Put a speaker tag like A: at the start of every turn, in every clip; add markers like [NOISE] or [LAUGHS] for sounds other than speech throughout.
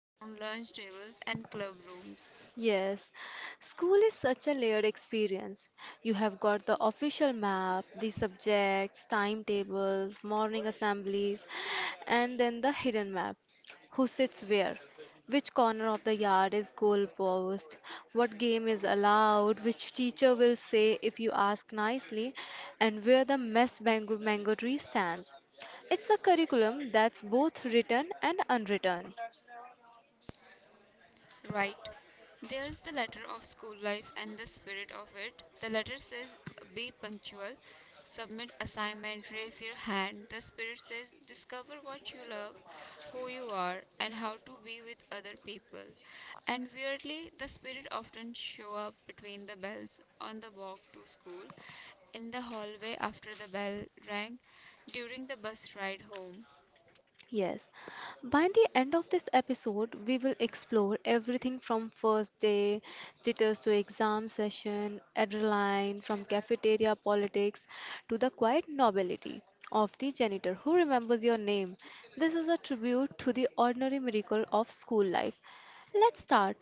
A: around lunch tables and club rooms.
B: Yes, school is such a layered experience. You have got the official map, the subjects, timetables, morning assemblies, and then the hidden map. Who sits where? Which corner of the yard is goalpost? What game is allowed? Which teacher will say if you ask nicely? And where the mango tree stands? It's a curriculum that's both written and unwritten.
A: Right. There's the letter of school life and the spirit of it. The letter says be punctual, submit assignment, raise your hand. The spirit says discover what you love, who you are, and how to be with other people. And weirdly, the spirit often show up between the bells on the walk to school, in the hallway after the bell rang, during the bus ride home.
B: Yes. By the end of this episode, we will explore everything from first day jitters to exam session, adrenaline, from cafeteria politics to the quiet nobility of the janitor who remembers your name. This is a tribute to the ordinary miracle of school life. Let's start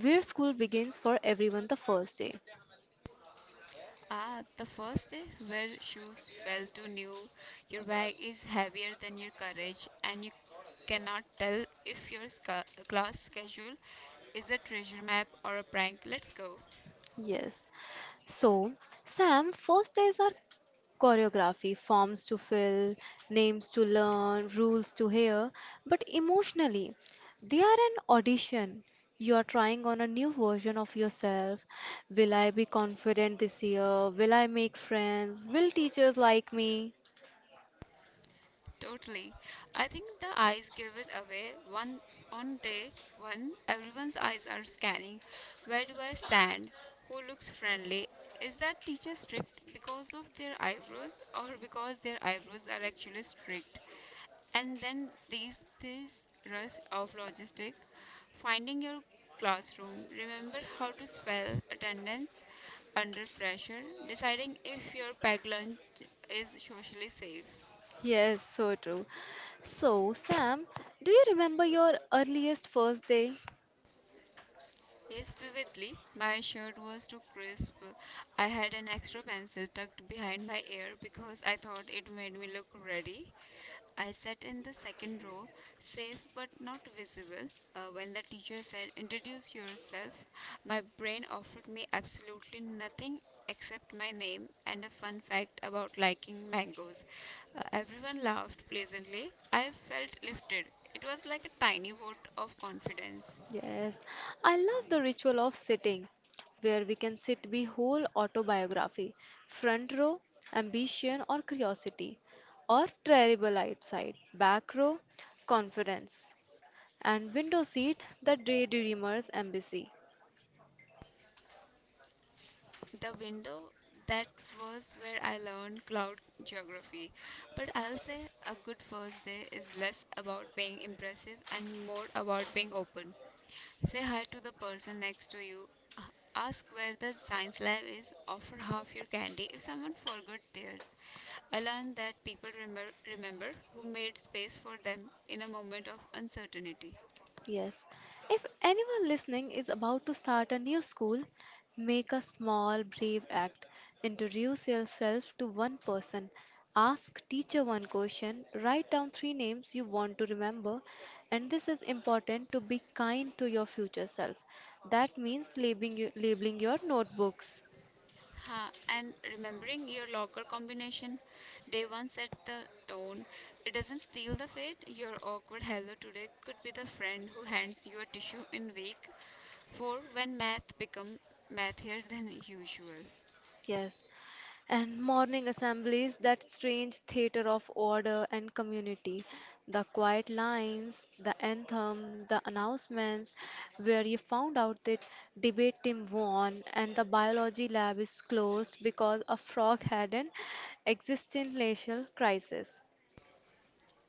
B: where school begins for everyone the first day.
A: Ah, the first day where shoes fell to new, your bag is heavier than your courage, and you cannot tell if your class schedule is a treasure map or a prank. Let's go.
B: Yes. So, Sam, first days are choreography, forms to fill, names to learn, rules to hear, but emotionally, they are an audition. You are trying on a new version of yourself. Will I be confident this year? Will I make friends? Will teachers like me?
A: Totally. I think the eyes give it away. One on day one, everyone's eyes are scanning. Where do I stand? Who looks friendly? Is that teacher strict because of their eyebrows or because their eyebrows are actually strict? And then these this rush of logistic, finding your classroom, remember how to spell attendance under pressure, deciding if your packed lunch is socially safe.
B: Yes, so true. So, Sam, do you remember your earliest first day?
A: Yes, vividly. My shirt was too crisp. I had an extra pencil tucked behind my ear because I thought it made me look ready. I sat in the second row, safe but not visible. When the teacher said, "Introduce yourself," my brain offered me absolutely nothing except my name and a fun fact about liking mangoes. Everyone laughed pleasantly. I felt lifted. It was like a tiny vote of confidence.
B: Yes, I love the ritual of sitting, where we can sit the whole autobiography, front row, ambition or curiosity, or terrible outside, back row, confidence, and window seat, the daydreamer's embassy.
A: The window, that was where I learned cloud geography. But I'll say a good first day is less about being impressive and more about being open. Say hi to the person next to you. A- Ask where the science lab is. Offer half your candy if someone forgot theirs. I learned that people remember who made space for them in a moment of uncertainty.
B: Yes. If anyone listening is about to start a new school, make a small, brave act. Introduce yourself to one person. Ask teacher one question. Write down three names you want to remember. And this is important to be kind to your future self. That means labeling, you, labeling your notebooks.
A: Huh, and remembering your locker combination, day one set the tone. It doesn't steal the fate. Your awkward hello today could be the friend who hands you a tissue in week four when math become mathier than usual.
B: Yes, and morning assemblies, that strange theater of order and community, the quiet lines, the anthem, the announcements, where you found out that debate team won and the biology lab is closed because a frog had an existential crisis.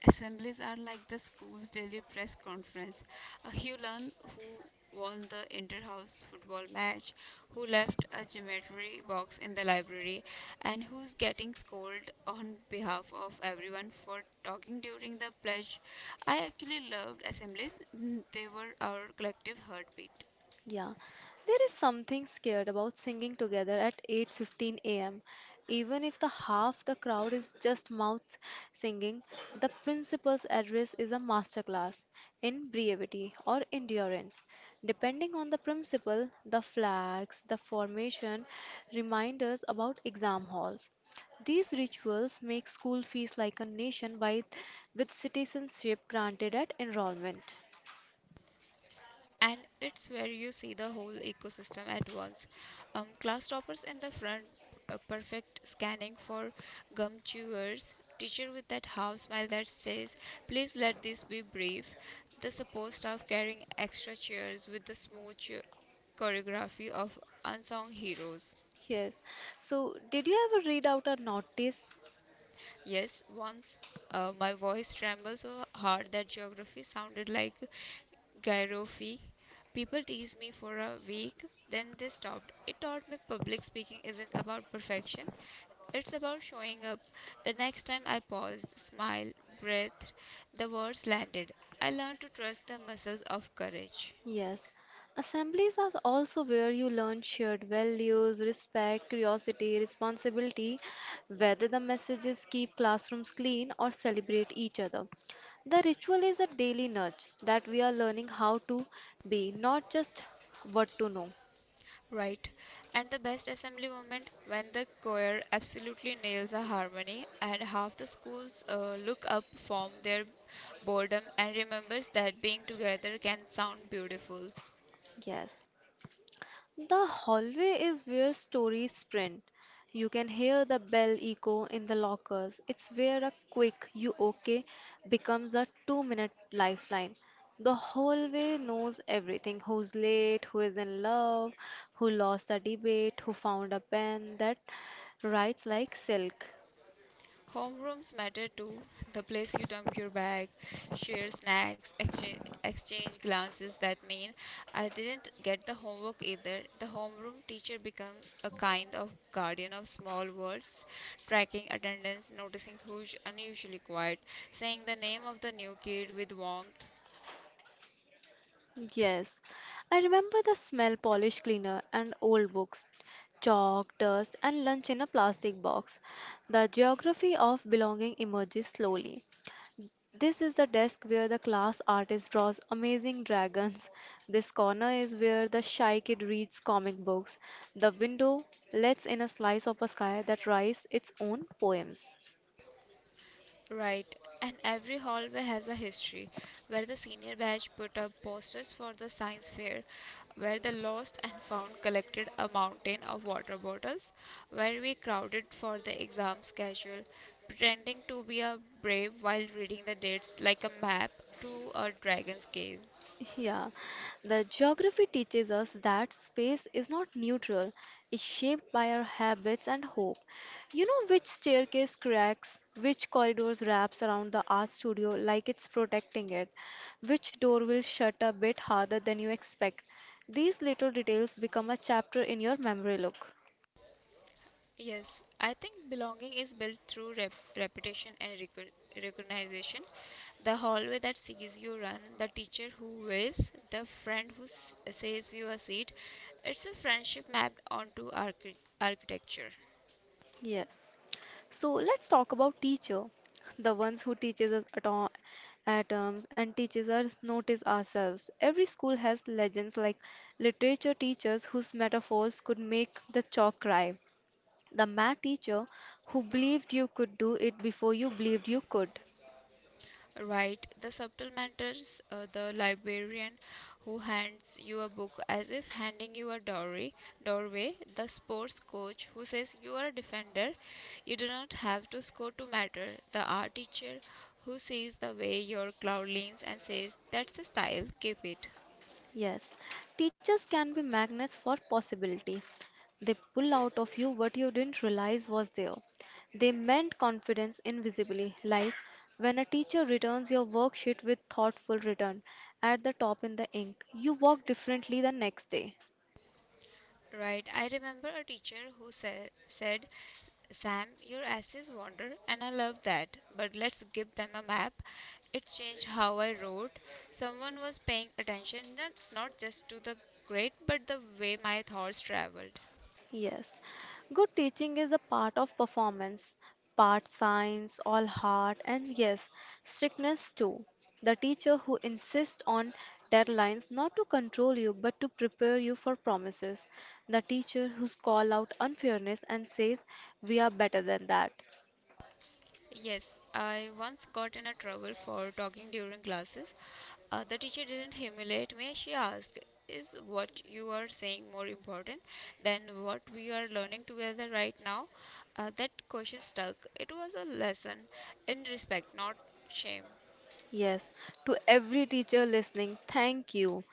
A: Assemblies are like the school's daily press conference. You learn who won the inter-house football match, who left a geometry box in the library, and who's getting scolded on behalf of everyone for talking during the pledge. I actually loved assemblies, [LAUGHS] they were our collective heartbeat.
B: Yeah, there is something scared about singing together at 8:15 a.m. Even if the half the crowd is just mouth singing, the principal's address is a masterclass in brevity or endurance. Depending on the principal, the flags, the formation, reminders about exam halls. These rituals make school fees like a nation by with citizenship granted at enrollment.
A: And it's where you see the whole ecosystem at once. Class toppers in the front, perfect scanning for gum chewers, teacher with that half smile that says, "Please let this be brief." The support staff carrying extra chairs with the smooth choreography of unsung heroes.
B: Yes. So, did you ever read out a notice?
A: Yes, once my voice trembled so hard that geography sounded like gyrophy. People teased me for a week, then they stopped. It taught me public speaking isn't about perfection, it's about showing up. The next time I paused, smiled, breathed, the words landed. I learned to trust the muscles of courage.
B: Yes. Assemblies are also where you learn shared values, respect, curiosity, responsibility, whether the messages keep classrooms clean or celebrate each other. The ritual is a daily nudge that we are learning how to be, not just what to know.
A: Right. And the best assembly moment when the choir absolutely nails a harmony and half the schools look up from their boredom and remembers that being together can sound beautiful.
B: Yes. The hallway is where stories sprint. You can hear the bell echo in the lockers. It's where a quick you okay becomes a 2-minute lifeline. The hallway knows everything who's late, who is in love, who lost a debate, who found a pen that writes like silk.
A: Homerooms matter too. The place you dump your bag, share snacks, exchange glances that mean I didn't get the homework either. The homeroom teacher becomes a kind of guardian of small worlds, tracking attendance, noticing who's unusually quiet, saying the name of the new kid with warmth.
B: Yes, I remember the smell polish cleaner and old books, chalk, dust, and lunch in a plastic box. The geography of belonging emerges slowly. This is the desk where the class artist draws amazing dragons. This corner is where the shy kid reads comic books. The window lets in a slice of a sky that writes its own poems.
A: Right. And every hallway has a history, where the senior batch put up posters for the science fair, where the lost and found collected a mountain of water bottles, where we crowded for the exam schedule, pretending to be a brave while reading the dates like a map to a dragon's cave.
B: Yeah, the geography teaches us that space is not neutral, it's shaped by our habits and hope. You know which staircase cracks, which corridors wraps around the art studio like it's protecting it, which door will shut a bit harder than you expect. These little details become a chapter in your memory look.
A: Yes, I think belonging is built through reputation and recognition. The hallway that sees you run, the teacher who waves, the friend who saves you a seat. It's a friendship mapped onto architecture.
B: Yes. So let's talk about teacher, the ones who teaches us atoms and teaches us notice ourselves. Every school has legends like literature teachers whose metaphors could make the chalk cry, the math teacher who believed you could do it before you believed you could.
A: Right, the subtle matters, the librarian who hands you a book as if handing you a doorway, the sports coach who says you are a defender, you do not have to score to matter, the art teacher who sees the way your cloud leans and says that's the style, keep it.
B: Yes, teachers can be magnets for possibility. They pull out of you what you didn't realize was there. They mend confidence invisibly, like when a teacher returns your worksheet with thoughtful return at the top in the ink, you walk differently the next day.
A: Right, I remember a teacher who said, "Sam, your essays wander, and I love that, but let's give them a map." It changed how I wrote. Someone was paying attention, not just to the grade, but the way my thoughts traveled.
B: Yes, good teaching is a part of performance, part science, all heart, and yes, strictness too. The teacher who insists on deadlines not to control you but to prepare you for promises. The teacher who calls out unfairness and says, "We are better than that."
A: Yes, I once got in a trouble for talking during classes. The teacher didn't humiliate me. She asked, "Is what you are saying more important than what we are learning together right now?" That question stuck. It was a lesson in respect, not shame.
B: Yes, to every teacher listening, thank you.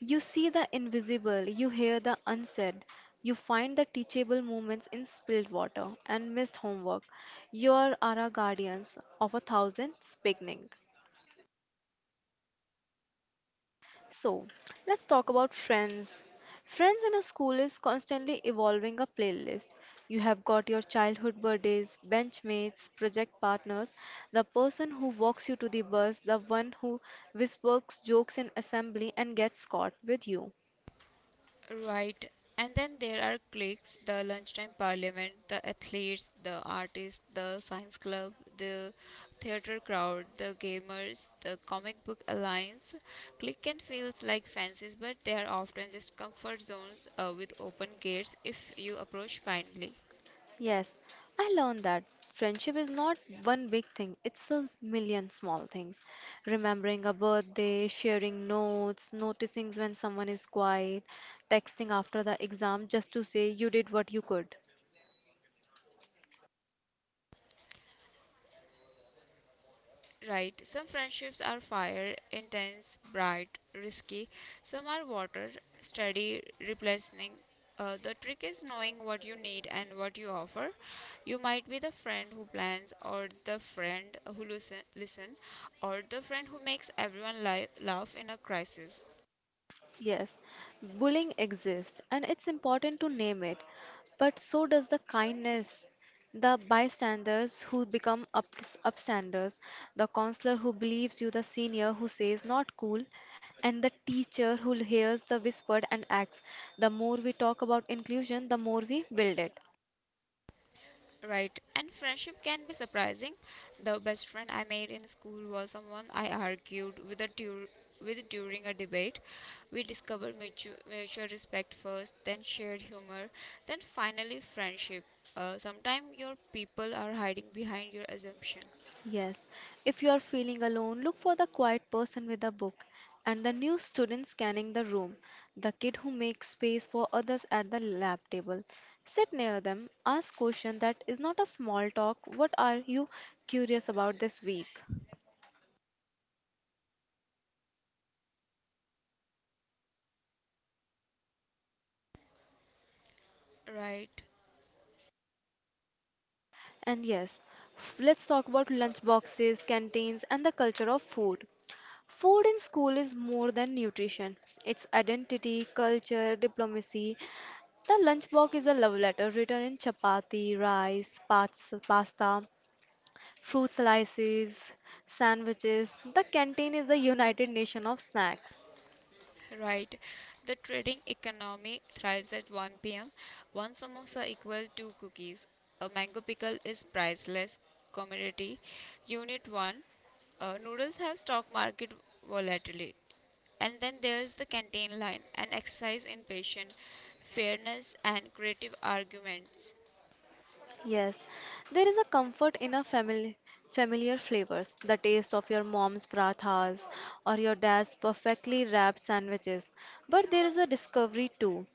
B: You see the invisible, you hear the unsaid, you find the teachable moments in spilled water and missed homework. You are our guardians of a thousand's beginning. So, let's talk about friends. Friends in a school is constantly evolving a playlist. You have got your childhood buddies, benchmates, project partners, the person who walks you to the bus, the one who whispers jokes in assembly and gets caught with you.
A: Right. And then there are cliques the lunchtime parliament, the athletes, the artists, the science club, the theater crowd, the gamers, the comic book alliance. Clique can feels like fancies, but they are often just comfort zones with open gates if you approach kindly.
B: Yes, I learned that friendship is not one big thing, it's a million small things. Remembering a birthday, sharing notes, noticing when someone is quiet, texting after the exam just to say you did what you could.
A: Right. Some friendships are fire, intense, bright, risky. Some are water, steady, replacing. The trick is knowing what you need and what you offer. You might be the friend who plans, or the friend who listen, or the friend who makes everyone laugh in a crisis.
B: Yes, bullying exists and it's important to name it, but so does the kindness. The bystanders who become upstanders, the counselor who believes you, the senior who says not cool, and the teacher who hears the whispered and acts. The more we talk about inclusion, the more we build it.
A: Right, and friendship can be surprising. The best friend I made in school was someone I argued with during a debate. We discovered mutual respect first, then shared humor, then finally friendship. Sometimes your people are hiding behind your assumption.
B: Yes, if you are feeling alone, look for the quiet person with a book and the new student scanning the room, the kid who makes space for others at the lab table. Sit near them, ask question that is not a small talk, what are you curious about this week?
A: Right.
B: And yes, let's talk about lunch boxes, canteens and the culture of food. Food in school is more than nutrition. It's identity, culture, diplomacy. The lunchbox is a love letter written in chapati, rice, pasta, fruit slices, sandwiches. The canteen is the United Nation of snacks.
A: Right. The trading economy thrives at 1 pm. One samosa equal two cookies. A mango pickle is priceless commodity. Unit 1. Noodles have stock market volatility. And then there's the canteen line, an exercise in patience, fairness, and creative arguments.
B: Yes, there is a comfort in a family familiar flavors. The taste of your mom's parathas or your dad's perfectly wrapped sandwiches. But there is a discovery too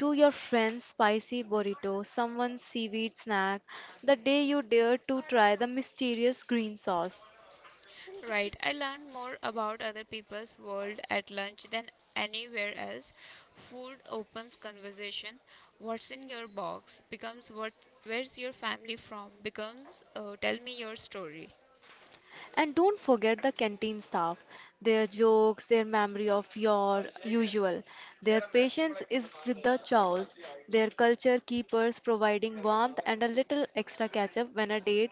B: to your friend's spicy burrito, someone's seaweed snack, the day you dare to try the mysterious green sauce.
A: Right, I learned more about other people's world at lunch than anywhere else. Food opens conversation. What's in your box becomes what where's your family from becomes tell me your story.
B: And don't forget the canteen staff, their jokes, their memory of your usual, their patience is with the chows, their culture keepers providing warmth and a little extra ketchup when a date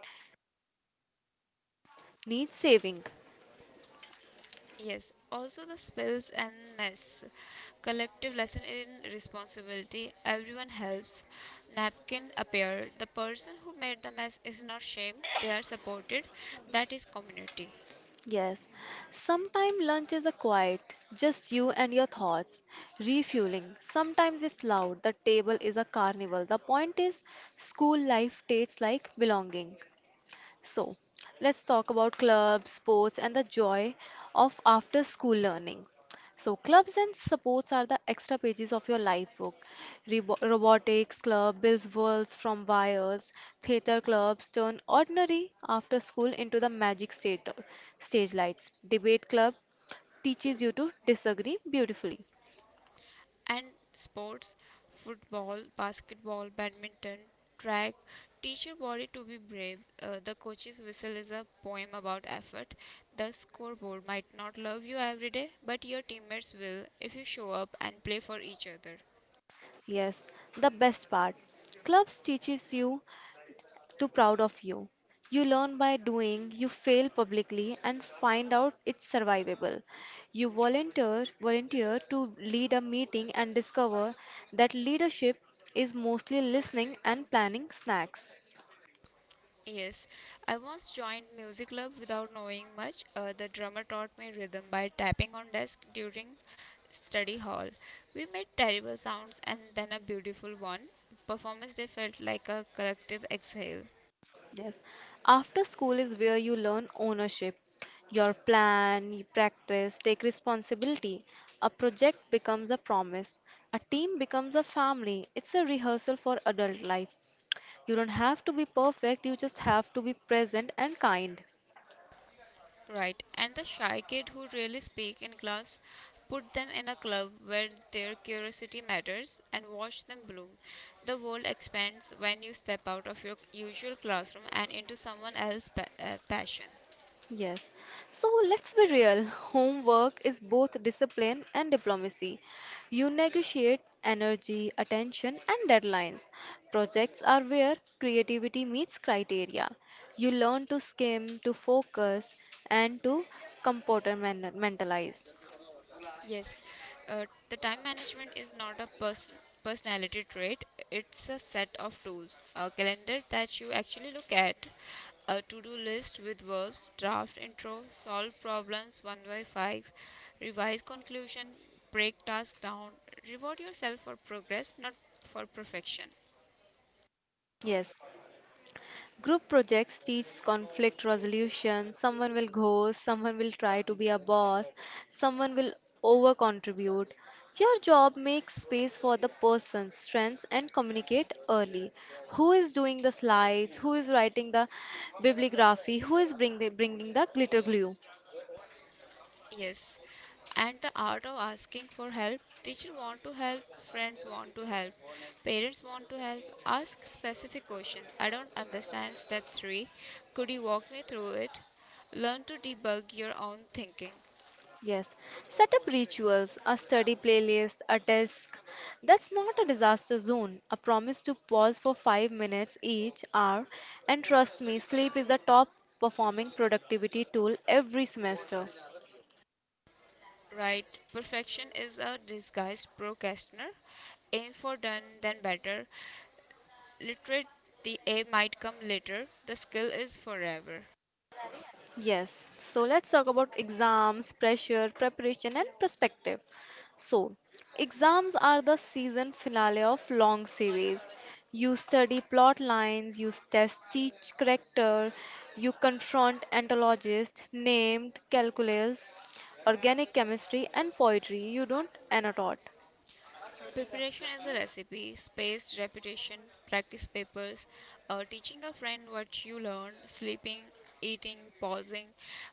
B: needs saving.
A: Yes, also the spills and mess. Collective lesson in responsibility. Everyone helps. Napkin appear. The person who made the mess is not shamed. They are supported. That is community.
B: Yes, sometimes lunch is a quiet, just you and your thoughts, refueling. Sometimes it's loud, the table is a carnival. The point is, school life tastes like belonging. So, let's talk about clubs, sports, and the joy of after school learning. So, clubs and sports are the extra pages of your life book. Robotics club builds worlds from wires. Theater clubs turn ordinary after school into the magic stage lights. Debate club teaches you to disagree beautifully.
A: And sports football, basketball, badminton, track teach your body to be brave. The coach's whistle is a poem about effort. The scoreboard might not love you every day, but your teammates will if you show up and play for each other.
B: Yes, the best part. Clubs teaches you too proud of you. You learn by doing, you fail publicly and find out it's survivable. You volunteer to lead a meeting and discover that leadership is mostly listening and planning snacks.
A: Yes, I once joined music club without knowing much. The drummer taught me rhythm by tapping on desk during study hall. We made terrible sounds and then a beautiful one. Performance day felt like a collective exhale.
B: Yes. After school is where you learn ownership. Your plan, you practice, take responsibility. A project becomes a promise. A team becomes a family. It's a rehearsal for adult life. You don't have to be perfect, you just have to be present and kind.
A: Right, and the shy kid who really speak in class, put them in a club where their curiosity matters and watch them bloom. The world expands when you step out of your usual classroom and into someone else's passion.
B: Yes. So let's be real. [LAUGHS] Homework is both discipline and diplomacy. You negotiate energy, attention, and deadlines. Projects are where creativity meets criteria. You learn to skim, to focus, and to compartmentalize.
A: Yes, the time management is not a personality trait, it's a set of tools. A calendar that you actually look at, a to do list with verbs, draft intro, solve problems 1 by 5, revise conclusion, break tasks down, reward yourself for progress, not for perfection.
B: Yes. Group projects teach conflict resolution. Someone will ghost, someone will try to be a boss, someone will over contribute. Your job makes space for the person's strengths and communicate early. Who is doing the slides? Who is writing the bibliography? Who is bringing the glitter glue?
A: Yes, and the art of asking for help. Teacher want to help, friends want to help, parents want to help. Ask specific question. I don't understand step 3. Could you walk me through it? Learn to debug your own thinking.
B: Yes, set up rituals, a study playlist, a desk. That's not a disaster zone. A promise to pause for 5 minutes each hour, and trust me, sleep is the top performing productivity tool every semester.
A: Right, perfection is a disguised procrastinator. Aim for done then better. Literate the A might come later. The skill is forever.
B: Yes, so let's talk about exams, pressure, preparation, and perspective. So, exams are the season finale of long series. You study plot lines, you test each character, you confront ontologists, named calculus, organic chemistry, and poetry. You don't annotate.
A: Preparation is a recipe, spaced repetition, practice papers, teaching a friend what you learn, sleeping, eating, pausing.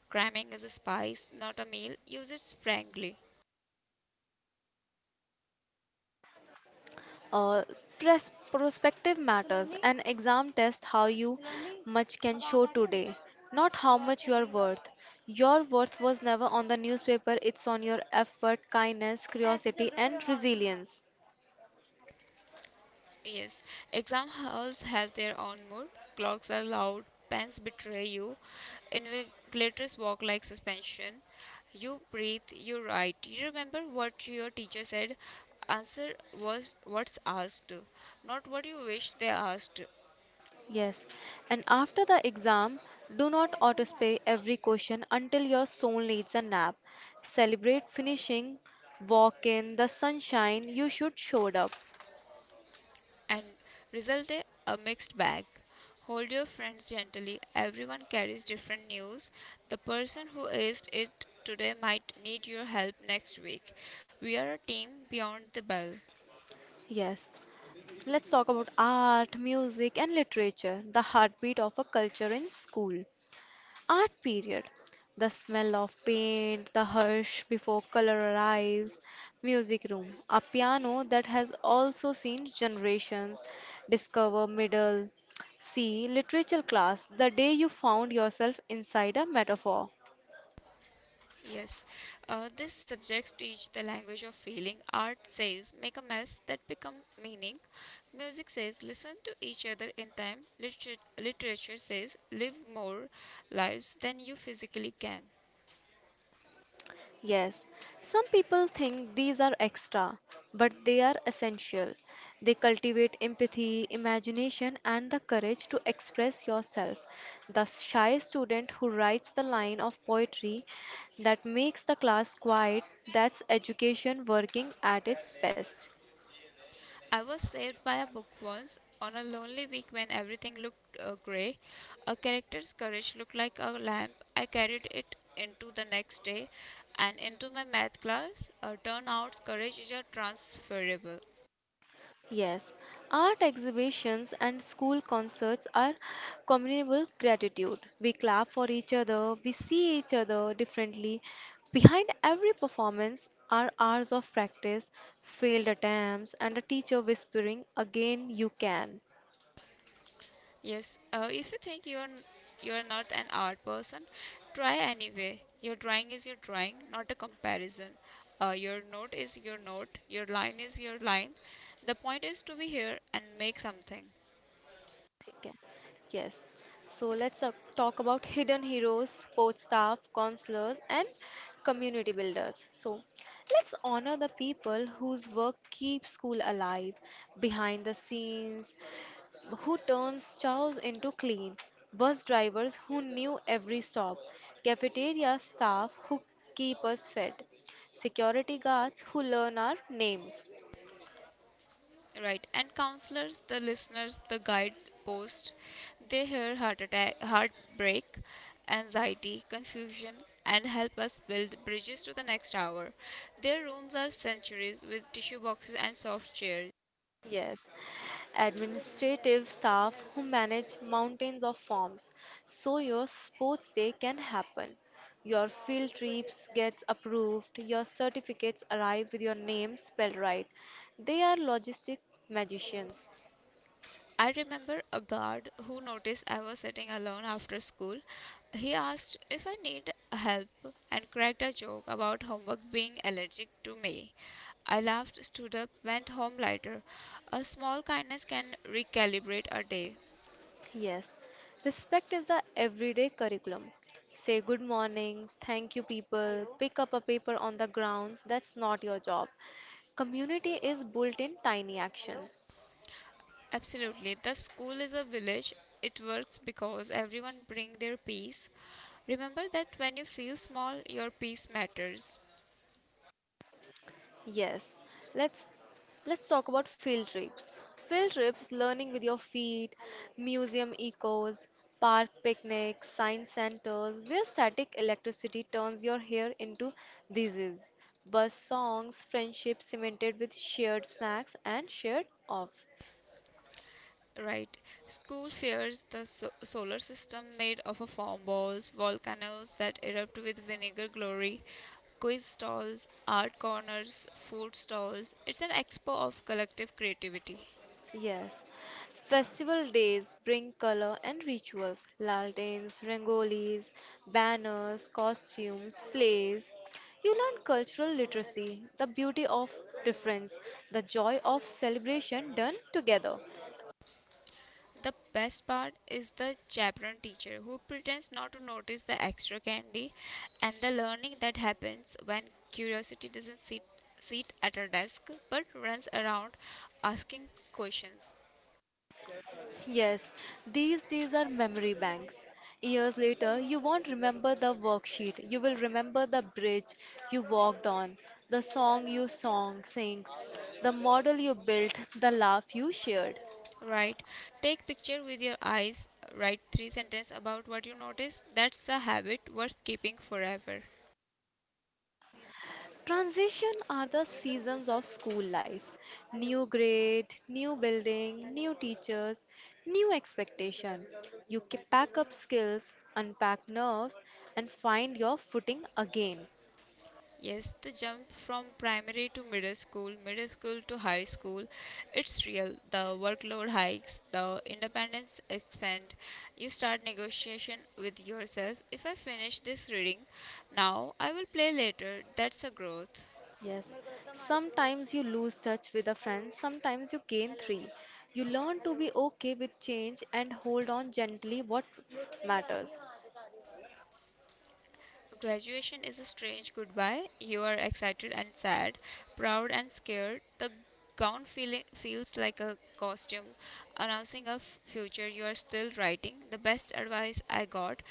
A: Cramming is a spice, not a meal. Use it sparingly.
B: Uh, Perspective matters. An exam tests how you much can show today, not how much you are worth. Your worth was never on the newspaper, it's on your effort, kindness, curiosity, and resilience.
A: Yes, exam halls have their own mood. Clocks are loud, pens betray you, invigilators walk like suspension. You breathe, you write. You remember what your teacher said. Answer was what's asked, not what you wish they asked.
B: Yes, and after the exam, do not autospay every question until your soul needs a nap. Celebrate finishing, walk in the sunshine, you should showed up.
A: And result a mixed bag. Hold your friends gently. Everyone carries different news. The person who is it today might need your help next week. We are a team beyond the bell.
B: Yes, let's talk about art, music, and literature, the heartbeat of a culture in school. Art period. The smell of paint, the hush before color arrives, music room, a piano that has also seen generations discover middle C. Literature class, the day you found yourself inside a metaphor.
A: Yes, these subjects teach the language of feeling. Art says make a mess that become meaning. Music says listen to each other in time. Literature says live more lives than you physically can.
B: Yes, some people think these are extra, but they are essential. They cultivate empathy, imagination, and the courage to express yourself. The shy student who writes the line of poetry that makes the class quiet, that's education working at its best.
A: I was saved by a book once on a lonely week when everything looked grey. A character's courage looked like a lamp. I carried it into the next day and into my math class. Turn out courage is a transferable.
B: Yes, art exhibitions and school concerts are communal gratitude. We clap for each other, we see each other differently. Behind every performance are hours of practice, failed attempts, and a teacher whispering, again, you can.
A: Yes, if you think you're not an art person, try anyway. Your drawing is your drawing, not a comparison. Your note is your note. Your line is your line. The point is to be here and make something.
B: Okay. Yes. So let's talk about hidden heroes, sports staff, counselors, and community builders. So let's honor the people whose work keeps school alive behind the scenes, who turns chows into clean, bus drivers who knew every stop, cafeteria staff who keep us fed, security guards who learn our names.
A: Right, and counselors, the listeners, the guidepost, they hear heart attack, heartbreak, anxiety, confusion, and help us build bridges to the next hour. Their rooms are sanctuaries with tissue boxes and soft chairs.
B: Yes, administrative staff who manage mountains of forms so your sports day can happen. Your field trips gets approved, your certificates arrive with your name spelled right. They are logistic magicians.
A: I remember a guard who noticed I was sitting alone after school. He asked if I need help and cracked a joke about homework being allergic to me. I laughed, stood up, went home lighter. A small kindness can recalibrate a day.
B: Yes, respect is the everyday curriculum. Say good morning, thank you people, pick up a paper on the grounds, that's not your job. Community is built in tiny actions.
A: Absolutely. The school is a village. It works because everyone bring their piece. Remember that when you feel small, your piece matters.
B: Yes, let's let's talk about field trips. Field trips, learning with your feet, museum ecos, park picnics, science centers, where static electricity turns your hair into disease. Bus songs, friendships cemented with shared snacks and shared off.
A: Right. School fears the solar system made of a foam balls, volcanoes that erupt with vinegar glory, quiz stalls, art corners, food stalls. It's an expo of collective creativity.
B: Yes, festival days bring color and rituals, lanterns, rangolis, banners, costumes, plays. You learn cultural literacy, the beauty of difference, the joy of celebration done together.
A: The best part is the chaperone teacher who pretends not to notice the extra candy and the learning that happens when curiosity doesn't sit at her desk but runs around asking questions.
B: Yes, these days are memory banks. Years later, you won't remember the worksheet. You will remember the bridge you walked on, the sang, the model you built, the laugh you shared.
A: Right. Take picture with your eyes. Write three sentences about what you notice. That's a habit worth keeping forever.
B: Transition are the seasons of school life. New grade, new building, new teachers, new expectation. Pack up skills, unpack nerves, and find your footing again.
A: Yes, the jump from primary to middle school to high school, it's real. The workload hikes, the independence expand. You start negotiation with yourself. If I finish this reading now, I will play later. That's a growth.
B: Yes. Sometimes you lose touch with a friend, sometimes you gain three. You learn to be okay with change and hold on gently what matters.
A: Graduation is a strange goodbye. You are excited and sad, proud and scared. The gown feeling feels like a costume announcing a future you are still writing. The best advice I got,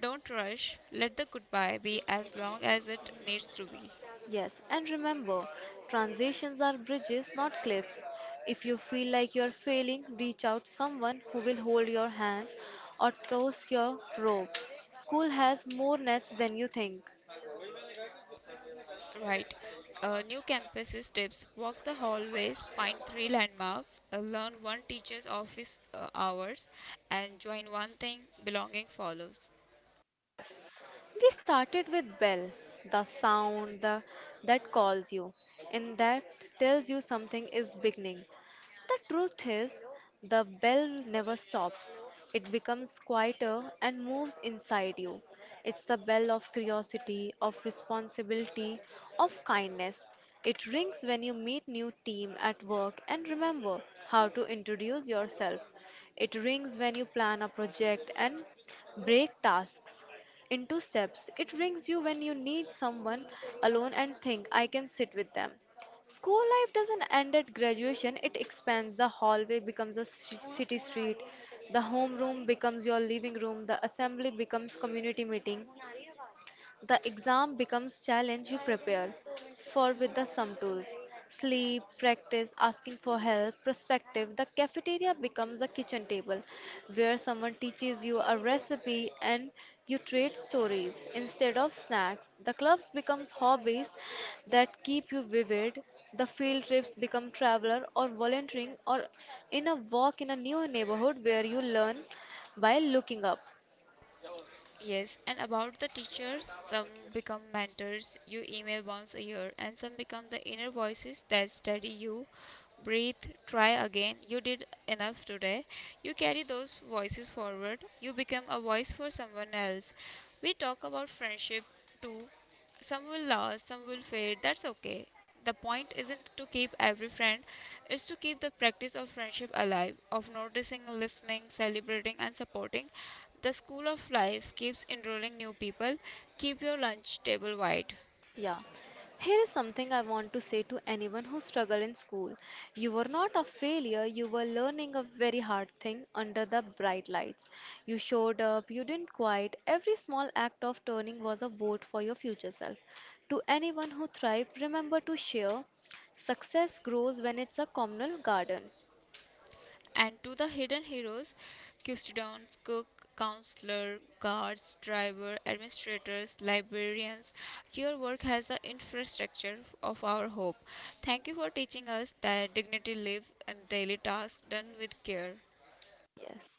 A: don't rush, let the goodbye be as long as it needs to be.
B: Yes, and remember, transitions are bridges, not cliffs. If you feel like you are failing, reach out someone who will hold your hands or toss your rope. School has more nets than you think.
A: Right. New campuses tips, walk the hallways, find three landmarks, learn one teacher's office hours, and join one thing, belonging follows.
B: We started with bell, the sound the, that calls you and that tells you something is beginning. The truth is, the bell never stops. It becomes quieter and moves inside you. It's the bell of curiosity, of responsibility, of kindness. It rings when you meet new team at work and remember how to introduce yourself. It rings when you plan a project and break tasks into steps. It brings you when you need someone alone and think, I can sit with them. School life doesn't end at graduation, it expands. The hallway becomes a city street, the homeroom becomes your living room, the assembly becomes community meeting. The exam becomes challenge you prepare for with the sum tools. Sleep, practice, asking for help, perspective. The cafeteria becomes a kitchen table where someone teaches you a recipe and you trade stories instead of snacks. The clubs becomes hobbies that keep you vivid. The field trips become traveler or volunteering or in a walk in a new neighborhood where you learn by looking up.
A: Yes, and about the teachers, some become mentors you email once a year, and some become the inner voices that steady you. Breathe, try again. You did enough today. You carry those voices forward. You become a voice for someone else. We talk about friendship too. Some will last, some will fade. That's okay. The point isn't to keep every friend, it's to keep the practice of friendship alive, of noticing, listening, celebrating, and supporting. The school of life keeps enrolling new people. Keep your lunch table wide.
B: Yeah. Here is something I want to say to anyone who struggle in school. You were not a failure, you were learning a very hard thing under the bright lights. You showed up, you didn't quit. Every small act of turning was a vote for your future self. To anyone who thrived, remember to share. Success grows when it's a communal garden.
A: And to the hidden heroes, custodians, cook, counselor, guards, driver, administrators, librarians, your work has the infrastructure of our hope. Thank you for teaching us that dignity lives in daily tasks done with care.
B: Yes.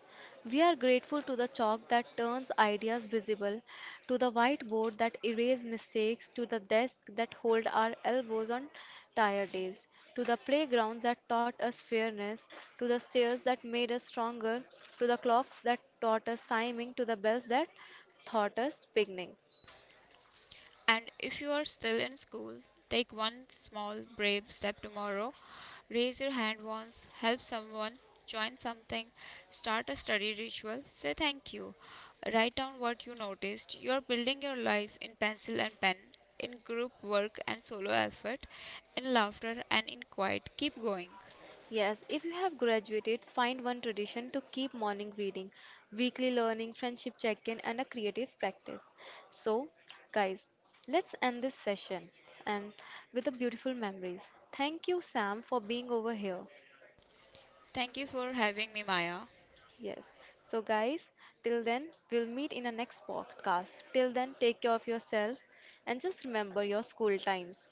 B: We are grateful to the chalk that turns ideas visible, to the whiteboard that erases mistakes, to the desk that hold our elbows on tired days, to the playgrounds that taught us fairness, to the stairs that made us stronger, to the clocks that taught us timing, to the bells that taught us beginning.
A: And if you are still in school, take one small brave step tomorrow. Raise your hand once, help someone, join something, start a study ritual, say thank you. Write down what you noticed. You are building your life in pencil and pen, in group work and solo effort, in laughter and in quiet. Keep going.
B: Yes, if you have graduated, find one tradition to keep morning reading, weekly learning, friendship check in, and a creative practice. So, guys, let's end this session and with the beautiful memories. Thank you, Sam, for being over here.
A: Thank you for having me, Maya.
B: Yes. So, guys, till then, we'll meet in a next podcast. Till then, take care of yourself and just remember your school times.